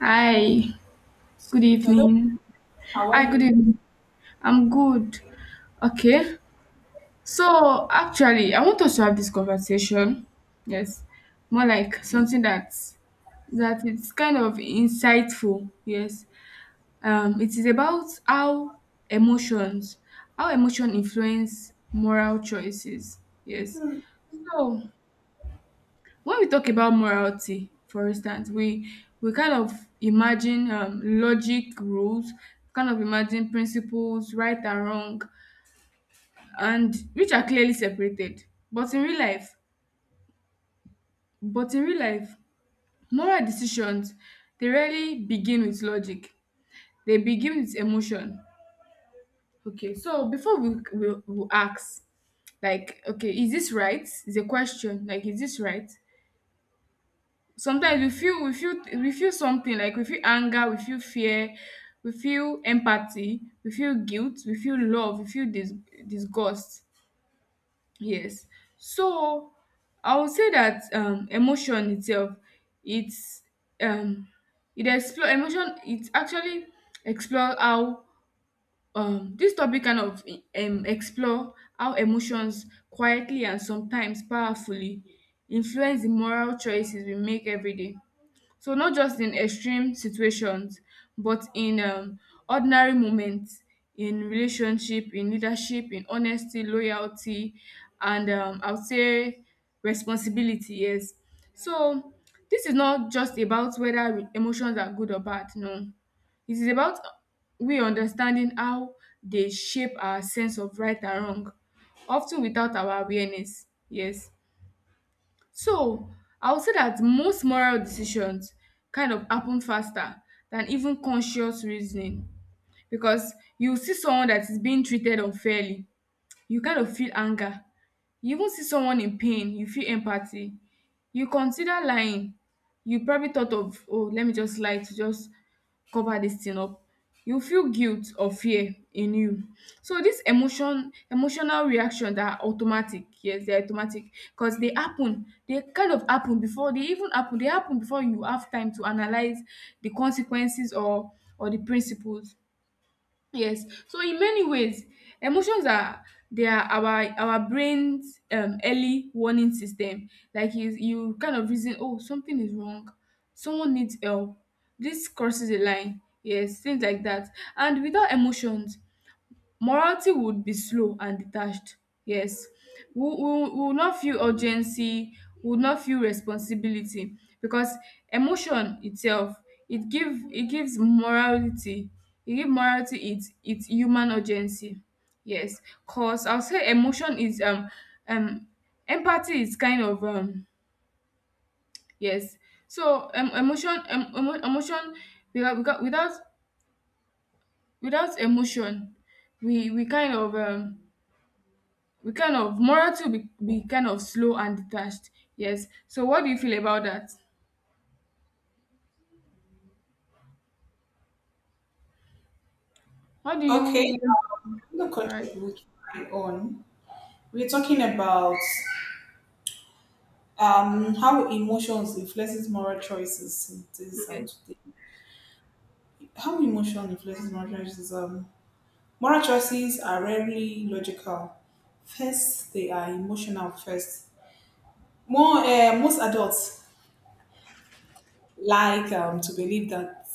Hi, good Hello. evening. Hi, good evening. I'm good. Okay. So, actually, I want us to have this conversation. Yes. More like something that is kind of insightful. Yes. It is about how emotions, emotion influence moral choices. Yes. So, when we talk about morality, for instance, we kind of imagine logic rules, kind of imagine principles, right and wrong, and which are clearly separated. But in real life, but in real life, moral decisions, they rarely begin with logic. They begin with emotion. Okay, so before we ask, like, okay, is this right? Is a question. Like, is this right? Sometimes we feel something, like, we feel anger, we feel fear, we feel empathy, we feel guilt, we feel love, we feel disgust. Yes. So I would say that emotion itself, it's um it explore emotion, it actually explore how this topic kind of explore how emotions quietly and sometimes powerfully influence the moral choices we make every day. So not just in extreme situations, but in ordinary moments, in relationship, in leadership, in honesty, loyalty, and I would say responsibility. Yes. So this is not just about whether emotions are good or bad. No, it is about we understanding how they shape our sense of right and wrong, often without our awareness. Yes. So I would say that most moral decisions kind of happen faster than even conscious reasoning because you see someone that is being treated unfairly, you kind of feel anger. You even see someone in pain, you feel empathy. You consider lying, you probably thought of, oh, let me just lie to just cover this thing up. You feel guilt or fear in you. So this emotional reaction that are automatic, yes, they're automatic because they happen, they kind of happen before they even happen they happen before you have time to analyze the consequences or the principles. Yes. So in many ways, emotions are, they are our brain's early warning system. Like you kind of reason, oh, something is wrong, someone needs help. This crosses a line. Yes, things like that. And without emotions, morality would be slow and detached, yes. We will not feel urgency, we will not feel responsibility because emotion itself, it gives morality, it give morality its human urgency. Yes, cause I'll say emotion is um empathy is kind of yes. So emotion emotion without without without emotion, we we kind of um we kind of morality will be, kind of slow and detached. Yes. So what do you feel about that? What do you Okay, want? I'm going to All right. contribute my own. We're talking about how emotions influences moral choices. It is out Yes. today. How emotion influences moral choices. Moral choices are rarely logical. First, they are emotional. First, more most adults like to believe that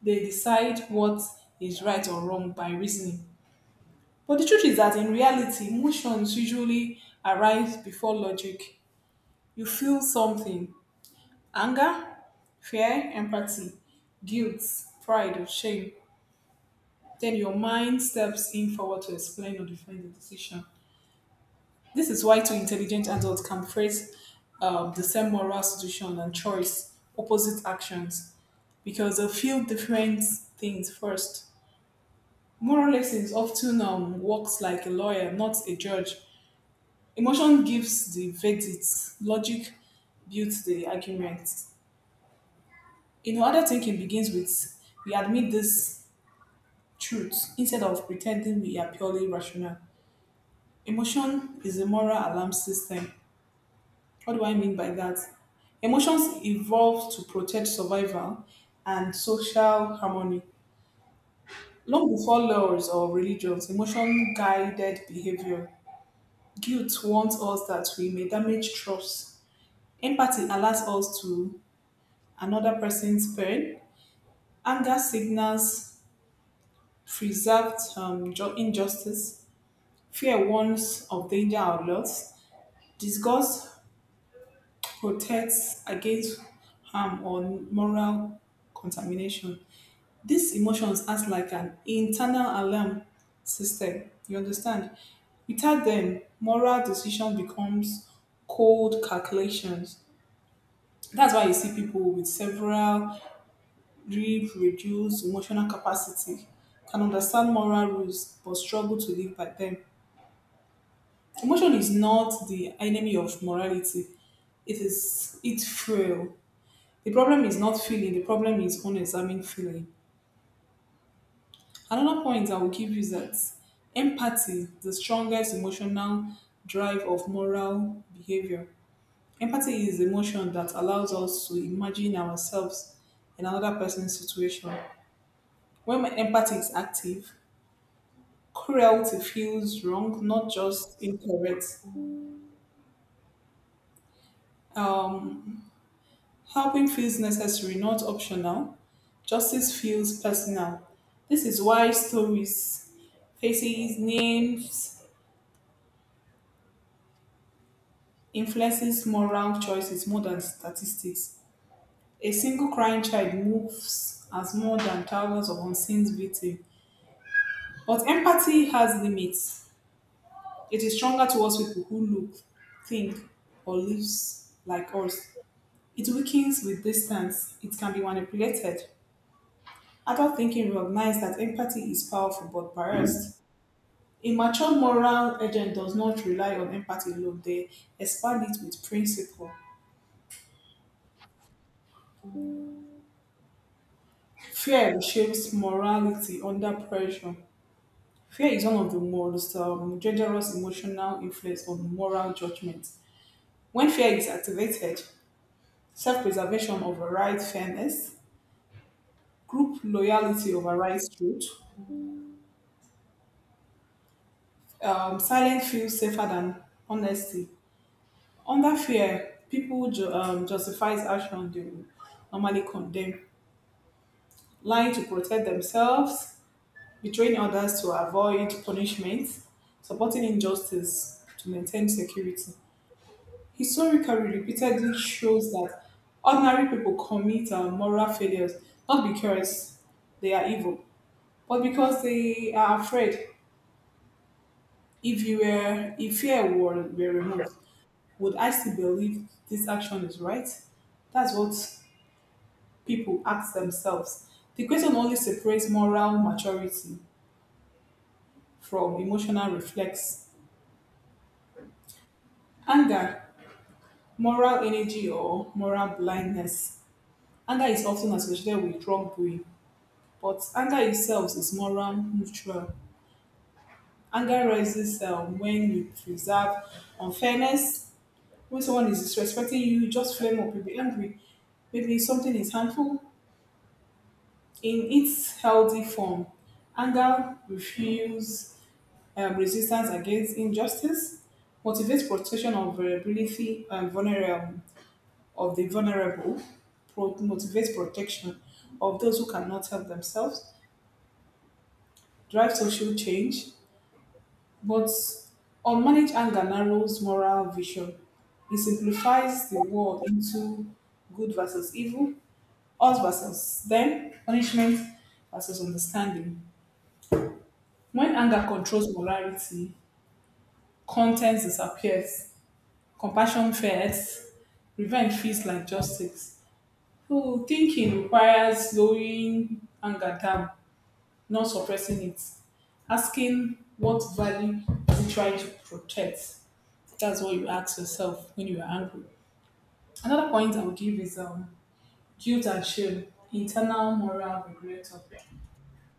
they decide what is right or wrong by reasoning. But the truth is that in reality, emotions usually arise before logic. You feel something: anger, fear, empathy, guilt, pride, or shame. Then your mind steps in forward to explain or defend the decision. This is why two intelligent adults can phrase the same moral situation and choice opposite actions because they feel different things first. Moral lessons often works like a lawyer, not a judge. Emotion gives the verdict, logic builds the argument. In order thinking begins with we admit this truth instead of pretending we are purely rational. Emotion is a moral alarm system. What do I mean by that? Emotions evolved to protect survival and social harmony. Long before laws or religions, emotion guided behavior. Guilt warns us that we may damage trust. Empathy alerts us to another person's pain. Anger signals preserved injustice. Fear warns of danger or loss. Disgust protects against harm or moral contamination. These emotions act like an internal alarm system. You understand? Without them, moral decision becomes cold calculations. That's why you see people with several deep, reduced emotional capacity can understand moral rules but struggle to live by them. Emotion is not the enemy of morality. It's frail. The problem is not feeling, the problem is unexamined feeling. Another point I will give you is that empathy, the strongest emotional drive of moral behavior. Empathy is the emotion that allows us to imagine ourselves in another person's situation. When my empathy is active, cruelty feels wrong, not just incorrect. Um, Helping feels necessary, not optional. Justice feels personal. This is why stories, faces, names influences moral choices more than statistics. A single crying child moves as more than thousands of unseen victims. But empathy has limits. It is stronger towards people who look, think, or live like us. It weakens with distance. It can be manipulated. Adult thinking recognizes that empathy is powerful but biased. A mature moral agent does not rely on empathy alone, they expand it with principle. Fear reshapes morality under pressure. Fear is one of the most dangerous emotional influence on moral judgment. When fear is activated, self preservation overrides fairness, group loyalty overrides truth, silence feels safer than honesty. Under fear, people justifies action they would normally condemn, lying to protect themselves, betraying others to avoid punishment, supporting injustice to maintain security. Historically, repeatedly shows that ordinary people commit moral failures not because they are evil, but because they are afraid. If fear were removed, would I still believe this action is right? That's what people ask themselves. The question only separates moral maturity from emotional reflex. Anger, moral energy, or moral blindness. Anger is often associated with wrongdoing, but anger itself is moral neutral. Anger rises when you preserve unfairness, when someone is disrespecting you, you just flame up, you'll be angry. Maybe something is harmful. In its healthy form, anger refuses resistance against injustice, motivates protection of vulnerability and vulnerable of the vulnerable, motivates protection of those who cannot help themselves, drive social change, but unmanaged anger narrows moral vision. It simplifies the world into good versus evil, us versus them, punishment versus understanding. When anger controls morality, content disappears. Compassion first, revenge feels like justice. So thinking requires slowing anger down, not suppressing it. Asking what value you try to protect. That's what you ask yourself when you are angry. Another point I would give is guilt and shame, internal moral regulator.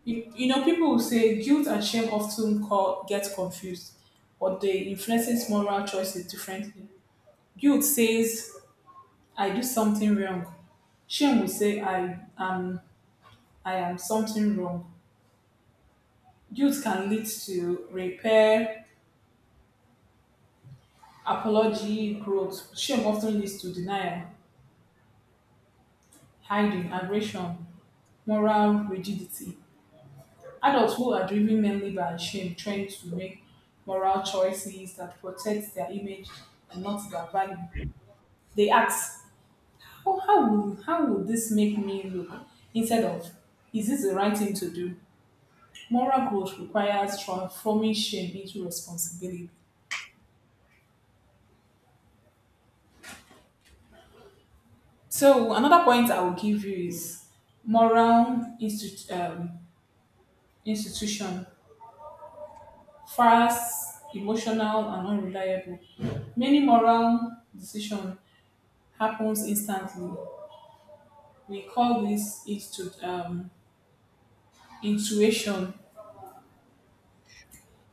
You know, people will say guilt and shame often call, get confused, but they influences moral choices differently. Guilt says I do something wrong. Shame will say I am something wrong. Guilt can lead to repair, apology, growth. Shame often leads to denial, hiding, aggression, moral rigidity. Adults who are driven mainly by shame tend to make moral choices that protect their image and not their value. They ask, how will this make me look? Instead of, is this the right thing to do? Moral growth requires transforming shame into responsibility. So another point I will give you is moral institution, fast, emotional, and unreliable. Many moral decision happens instantly. We call this intuition.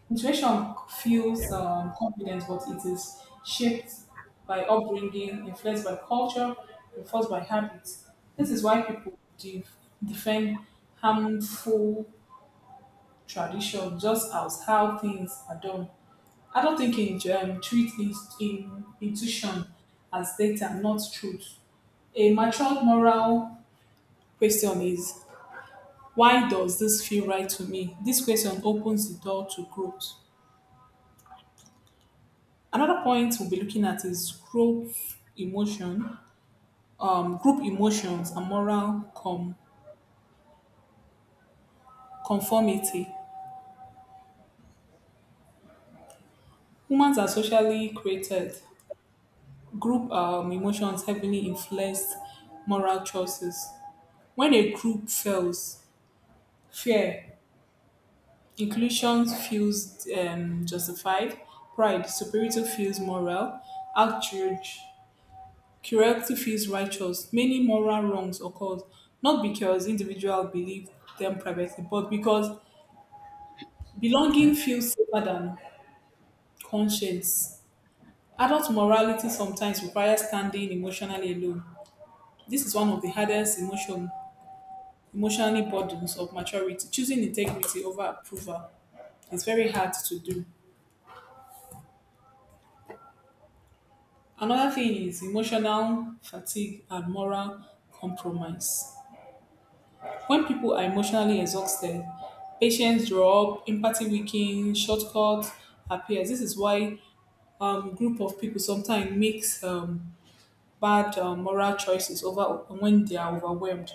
Motivation fuels confidence, but it is shaped by upbringing, influenced by culture, reinforced by habits. This is why people defend harmful tradition just as how things are done. I don't think in treat in intuition as data, not truth. A mature moral question is why does this feel right to me? This question opens the door to growth. Another point we'll be looking at is emotion, group emotions and moral conformity. Humans are socially created. Group emotions heavily influence moral choices. When a group fails, fear, inclusion feels justified, pride, superiority feels moral, outrage, curiosity feels righteous. Many moral wrongs occur not because individuals believe them privately, but because belonging feels safer than conscience. Adult morality sometimes requires standing emotionally alone. This is one of the hardest emotionally burdens of maturity. Choosing integrity over approval is very hard to do. Another thing is emotional fatigue and moral compromise. When people are emotionally exhausted, patience draw up, empathy weakens, shortcuts appears. This is why group of people sometimes makes bad moral choices over when they are overwhelmed.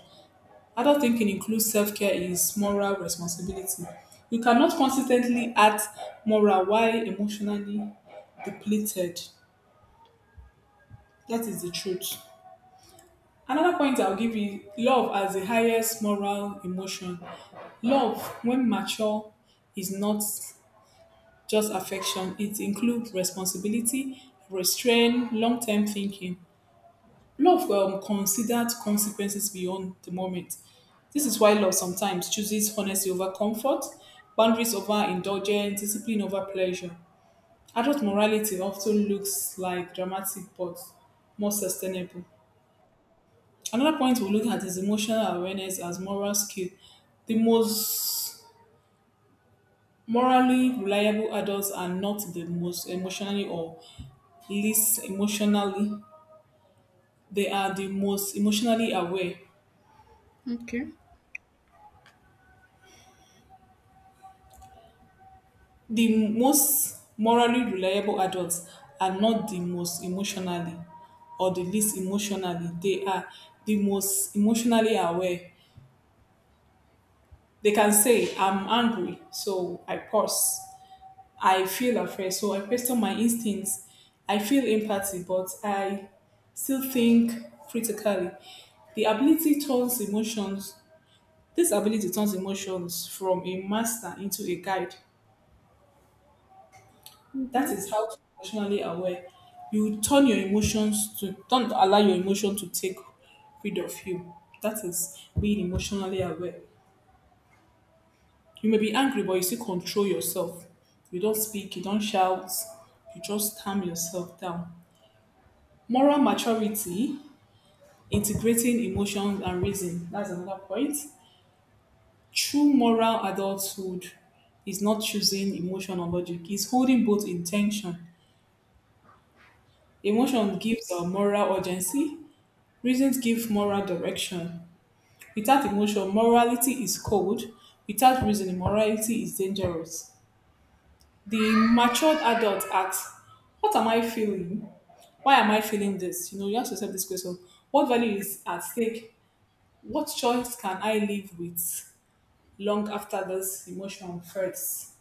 Adult thinking includes self care is moral responsibility. You cannot consistently act moral while emotionally depleted. That is the truth. Another point I'll give you love as the highest moral emotion. Love, when mature, is not just affection, it includes responsibility, restraint, long term thinking. Love considered consequences beyond the moment. This is why love sometimes chooses honesty over comfort, boundaries over indulgence, discipline over pleasure. Adult morality often looks like dramatic but more sustainable. Another point we look at is emotional awareness as moral skill. The most morally reliable adults are not the most emotionally or least emotionally. They are the most emotionally aware. Okay. The most morally reliable adults are not the most emotionally or the least emotionally. They are the most emotionally aware. They can say, I'm angry, so I pause. I feel afraid, so I question my instincts. I feel empathy, but I still think critically. The ability turns emotions, this ability turns emotions from a master into a guide. That Hmm. is how to be emotionally aware. You turn your emotions to don't allow your emotion to take rid of you. That is being emotionally aware. You may be angry, but you still control yourself. You don't speak, you don't shout, you just calm yourself down. Moral maturity, integrating emotions and reason. That's another point. True moral adulthood is not choosing emotion or logic, it's holding both intention. Emotion gives a moral urgency, reasons give moral direction. Without emotion, morality is cold. Without reason, morality is dangerous. The matured adult asks, what am I feeling? Why am I feeling this? You know, you ask yourself this question. What value is at stake? What choice can I live with long after this emotion hurts?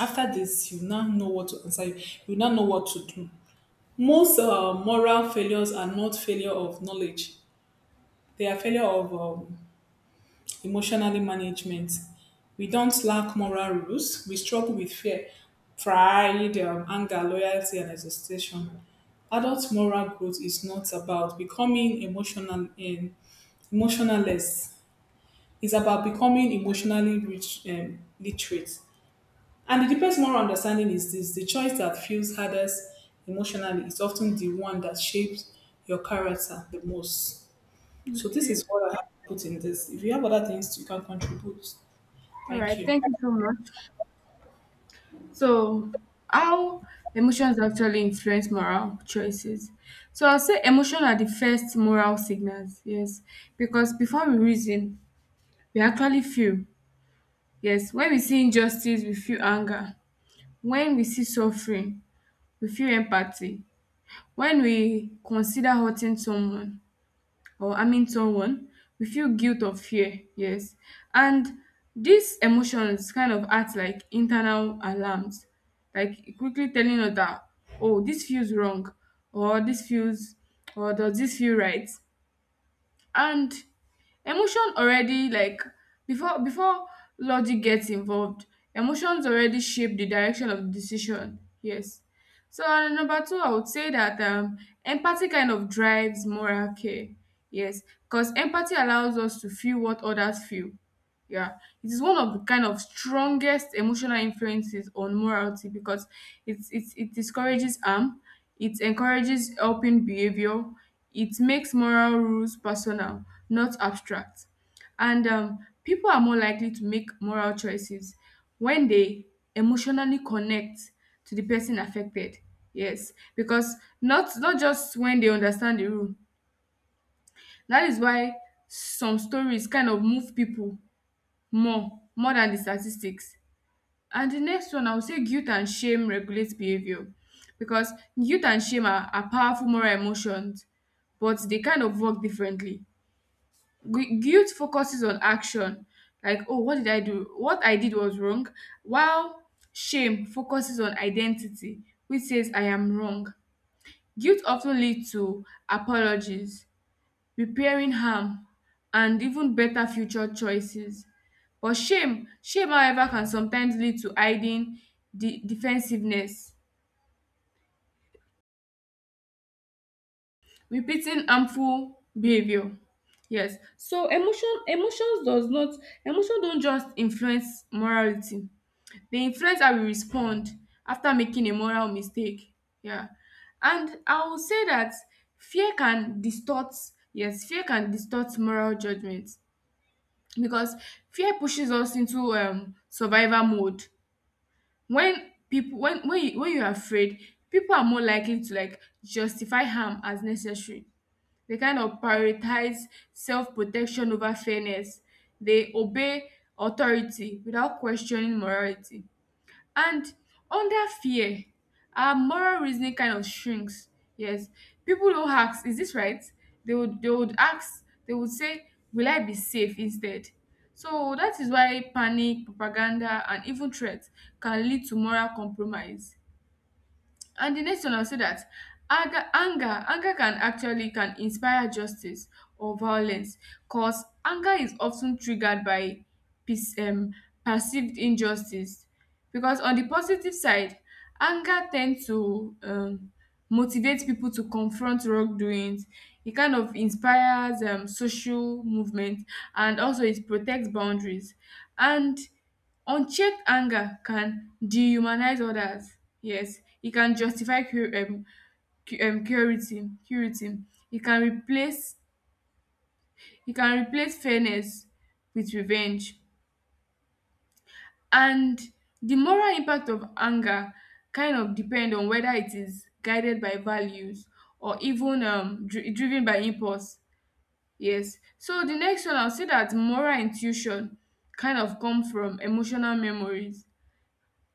After this, you now know what to answer. You now know what to do. Most moral failures are not failure of knowledge. They are failure of emotionally management. We don't lack moral rules. We struggle with fear, pride, anger, loyalty, and exhaustion. Adult moral growth is not about becoming emotional and emotionless. It's about becoming emotionally rich, literate. And the deepest moral understanding is this: the choice that feels hardest emotionally is often the one that shapes your character the most. So this Okay. is what I have to put in this. If you have other things you can contribute. All Thank right. you. Thank you so much. So how emotions actually influence moral choices. So I'll say emotion are the first moral signals. Yes. Because before we reason, we actually feel. Yes. When we see injustice, we feel anger. When we see suffering, we feel empathy. When we consider hurting someone or harming someone, we feel guilt or fear, yes. And these emotions kind of act like internal alarms, like quickly telling us that, oh, this feels wrong, or this feels, or does this feel right? And emotion already, like, before before logic gets involved, emotions already shape the direction of the decision, yes. So, number two, I would say that, empathy kind of drives moral care, yes, because empathy allows us to feel what others feel, yeah. It is one of the kind of strongest emotional influences on morality because it discourages harm, it encourages helping behavior, it makes moral rules personal, not abstract. And people are more likely to make moral choices when they emotionally connect to the person affected. Yes, because not just when they understand the rule. That is why some stories kind of move people more than the statistics. And the next one, I would say guilt and shame regulate behavior because guilt and shame are powerful moral emotions, but they kind of work differently. Guilt focuses on action, like, oh, what did I do? What I did was wrong, while shame focuses on identity, which says I am wrong. Guilt often leads to apologies, repairing harm and even better future choices. But shame, however, can sometimes lead to hiding, de defensiveness, repeating harmful behaviour, yes. So emotions does not, emotion don't just influence morality, they influence how we respond after making a moral mistake, yeah. And I will say that fear can distort, yes, fear can distort moral judgments, because fear pushes us into survival mode. When people, when you, when you're afraid, people are more likely to, like, justify harm as necessary. They kind of prioritize self-protection over fairness. They obey authority without questioning morality. And under fear, our moral reasoning kind of shrinks. Yes. People who ask, is this right? They would ask, they would say, will I be safe instead? So that is why panic, propaganda, and even threats can lead to moral compromise. And the next one, I'll say that anger can actually can inspire justice or violence, cause anger is often triggered by pers- um, perceived injustice. Because on the positive side, anger tends to motivate people to confront wrongdoings. It kind of inspires social movement, and also it protects boundaries. And unchecked anger can dehumanize others. Yes, it can justify curiosity. Curiosity. It can replace it can replace fairness with revenge. And the moral impact of anger kind of depend on whether it is guided by values or even driven by impulse. Yes. So the next one, I'll say that moral intuition kind of come from emotional memories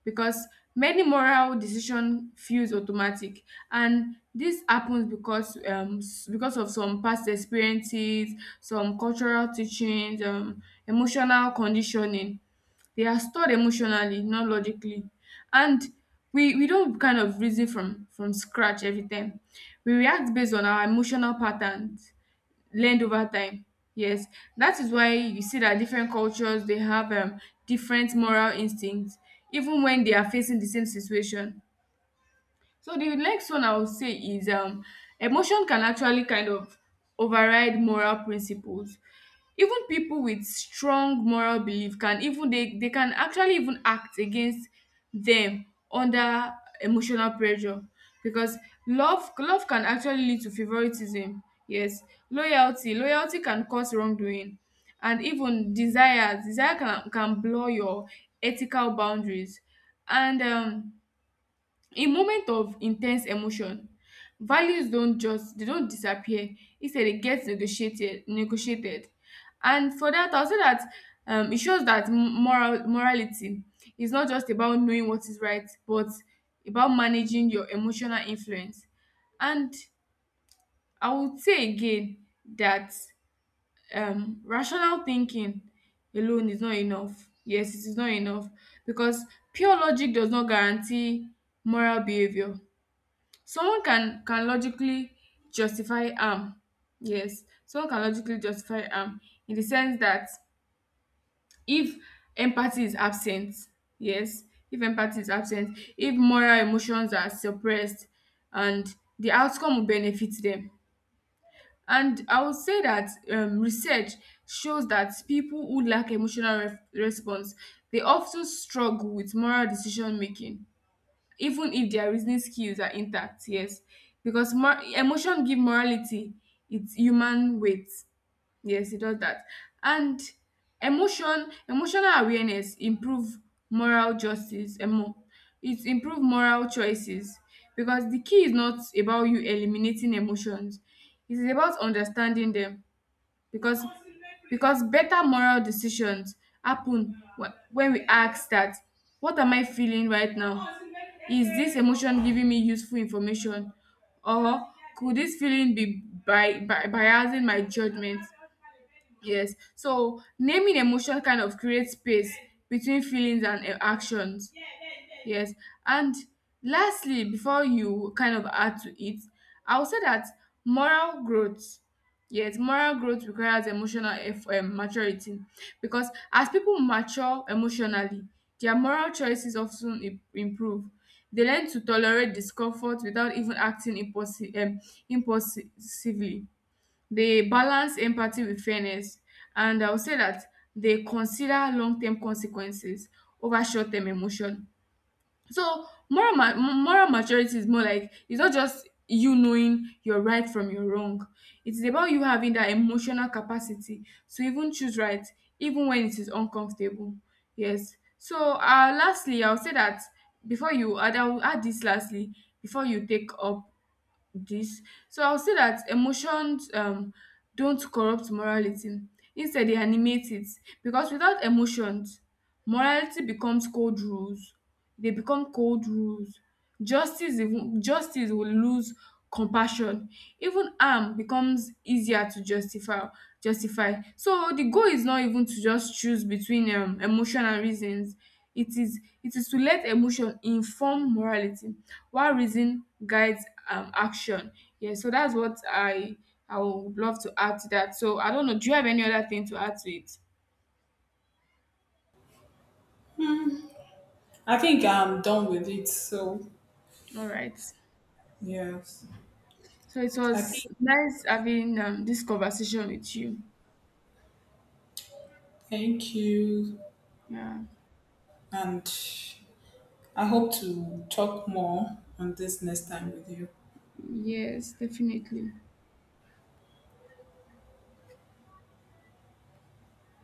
because many moral decision feels automatic. And this happens because because of some past experiences, some cultural teachings, emotional conditioning. They are stored emotionally, not logically. And we don't kind of reason from scratch every time. We react based on our emotional patterns learned over time. Yes, that is why you see that different cultures, they have different moral instincts, even when they are facing the same situation. So the next one I would say is, emotion can actually kind of override moral principles. Even people with strong moral belief can even, they can actually even act against them under emotional pressure because love can actually lead to favoritism. Yes, loyalty can cause wrongdoing, and even desire can blur your ethical boundaries. And in moment of intense emotion, values don't just, they don't disappear. Instead, dey get negotiated. And for that, I will say that e shows that moral morality is not just about knowing what is right but about managing your emotional influence. And I would say again that rational thinking alone is not enough, yes, it is not enough because pure logic does not guarantee moral behaviour. Someone can logically justify harm. Yes, someone can logically justify harm in the sense that if empathy is absent, yes, if empathy is absent, if moral emotions are suppressed and the outcome will benefit them. And I would say that, research shows that people who lack emotional ref response, they often struggle with moral decision making even if their reasoning skills are intact, yes. Because emotion give morality it's human weight. Yes, it does that. And emotional awareness improve moral justice, it improve moral choices because the key is not about you eliminating emotions, it is about understanding them. Because better moral decisions happen when we ask that, what am I feeling right now? Is this emotion giving me useful information, or could this feeling be by biasing my judgment? Yes. So naming emotion kind of creates space between feelings and, actions. Yes. And lastly, before you kind of add to it, I would say that moral growth. Yes, moral growth requires emotional maturity because as people mature emotionally, their moral choices often improve. They learn to tolerate discomfort without even acting impulsively. They balance empathy with fairness, and I would say that they consider long term consequences over short term emotion. So moral maturity is more like, it's not just you knowing your right from your wrong. It is about you having that emotional capacity to even choose right, even when it is uncomfortable. Yes. So, lastly, I'll say that before you add, I will add this lastly before you take up this. So I'll say that emotions don't corrupt morality. Instead, they animate it. Because without emotions, morality becomes cold rules. They become cold rules. Justice, even, justice will lose compassion. Even harm becomes easier to justify. Justify. So the goal is not even to just choose between emotion and reasons. It is to let emotion inform morality why reason guides action. Yeah, so that's what I would love to add to that. So I don't know. Do you have any other thing to add to it? I think I'm done with it. So, All right. yes. So it I think, was nice having, this conversation with you. thank you. Yeah. And I hope to talk more on this next time with you. Yes, definitely.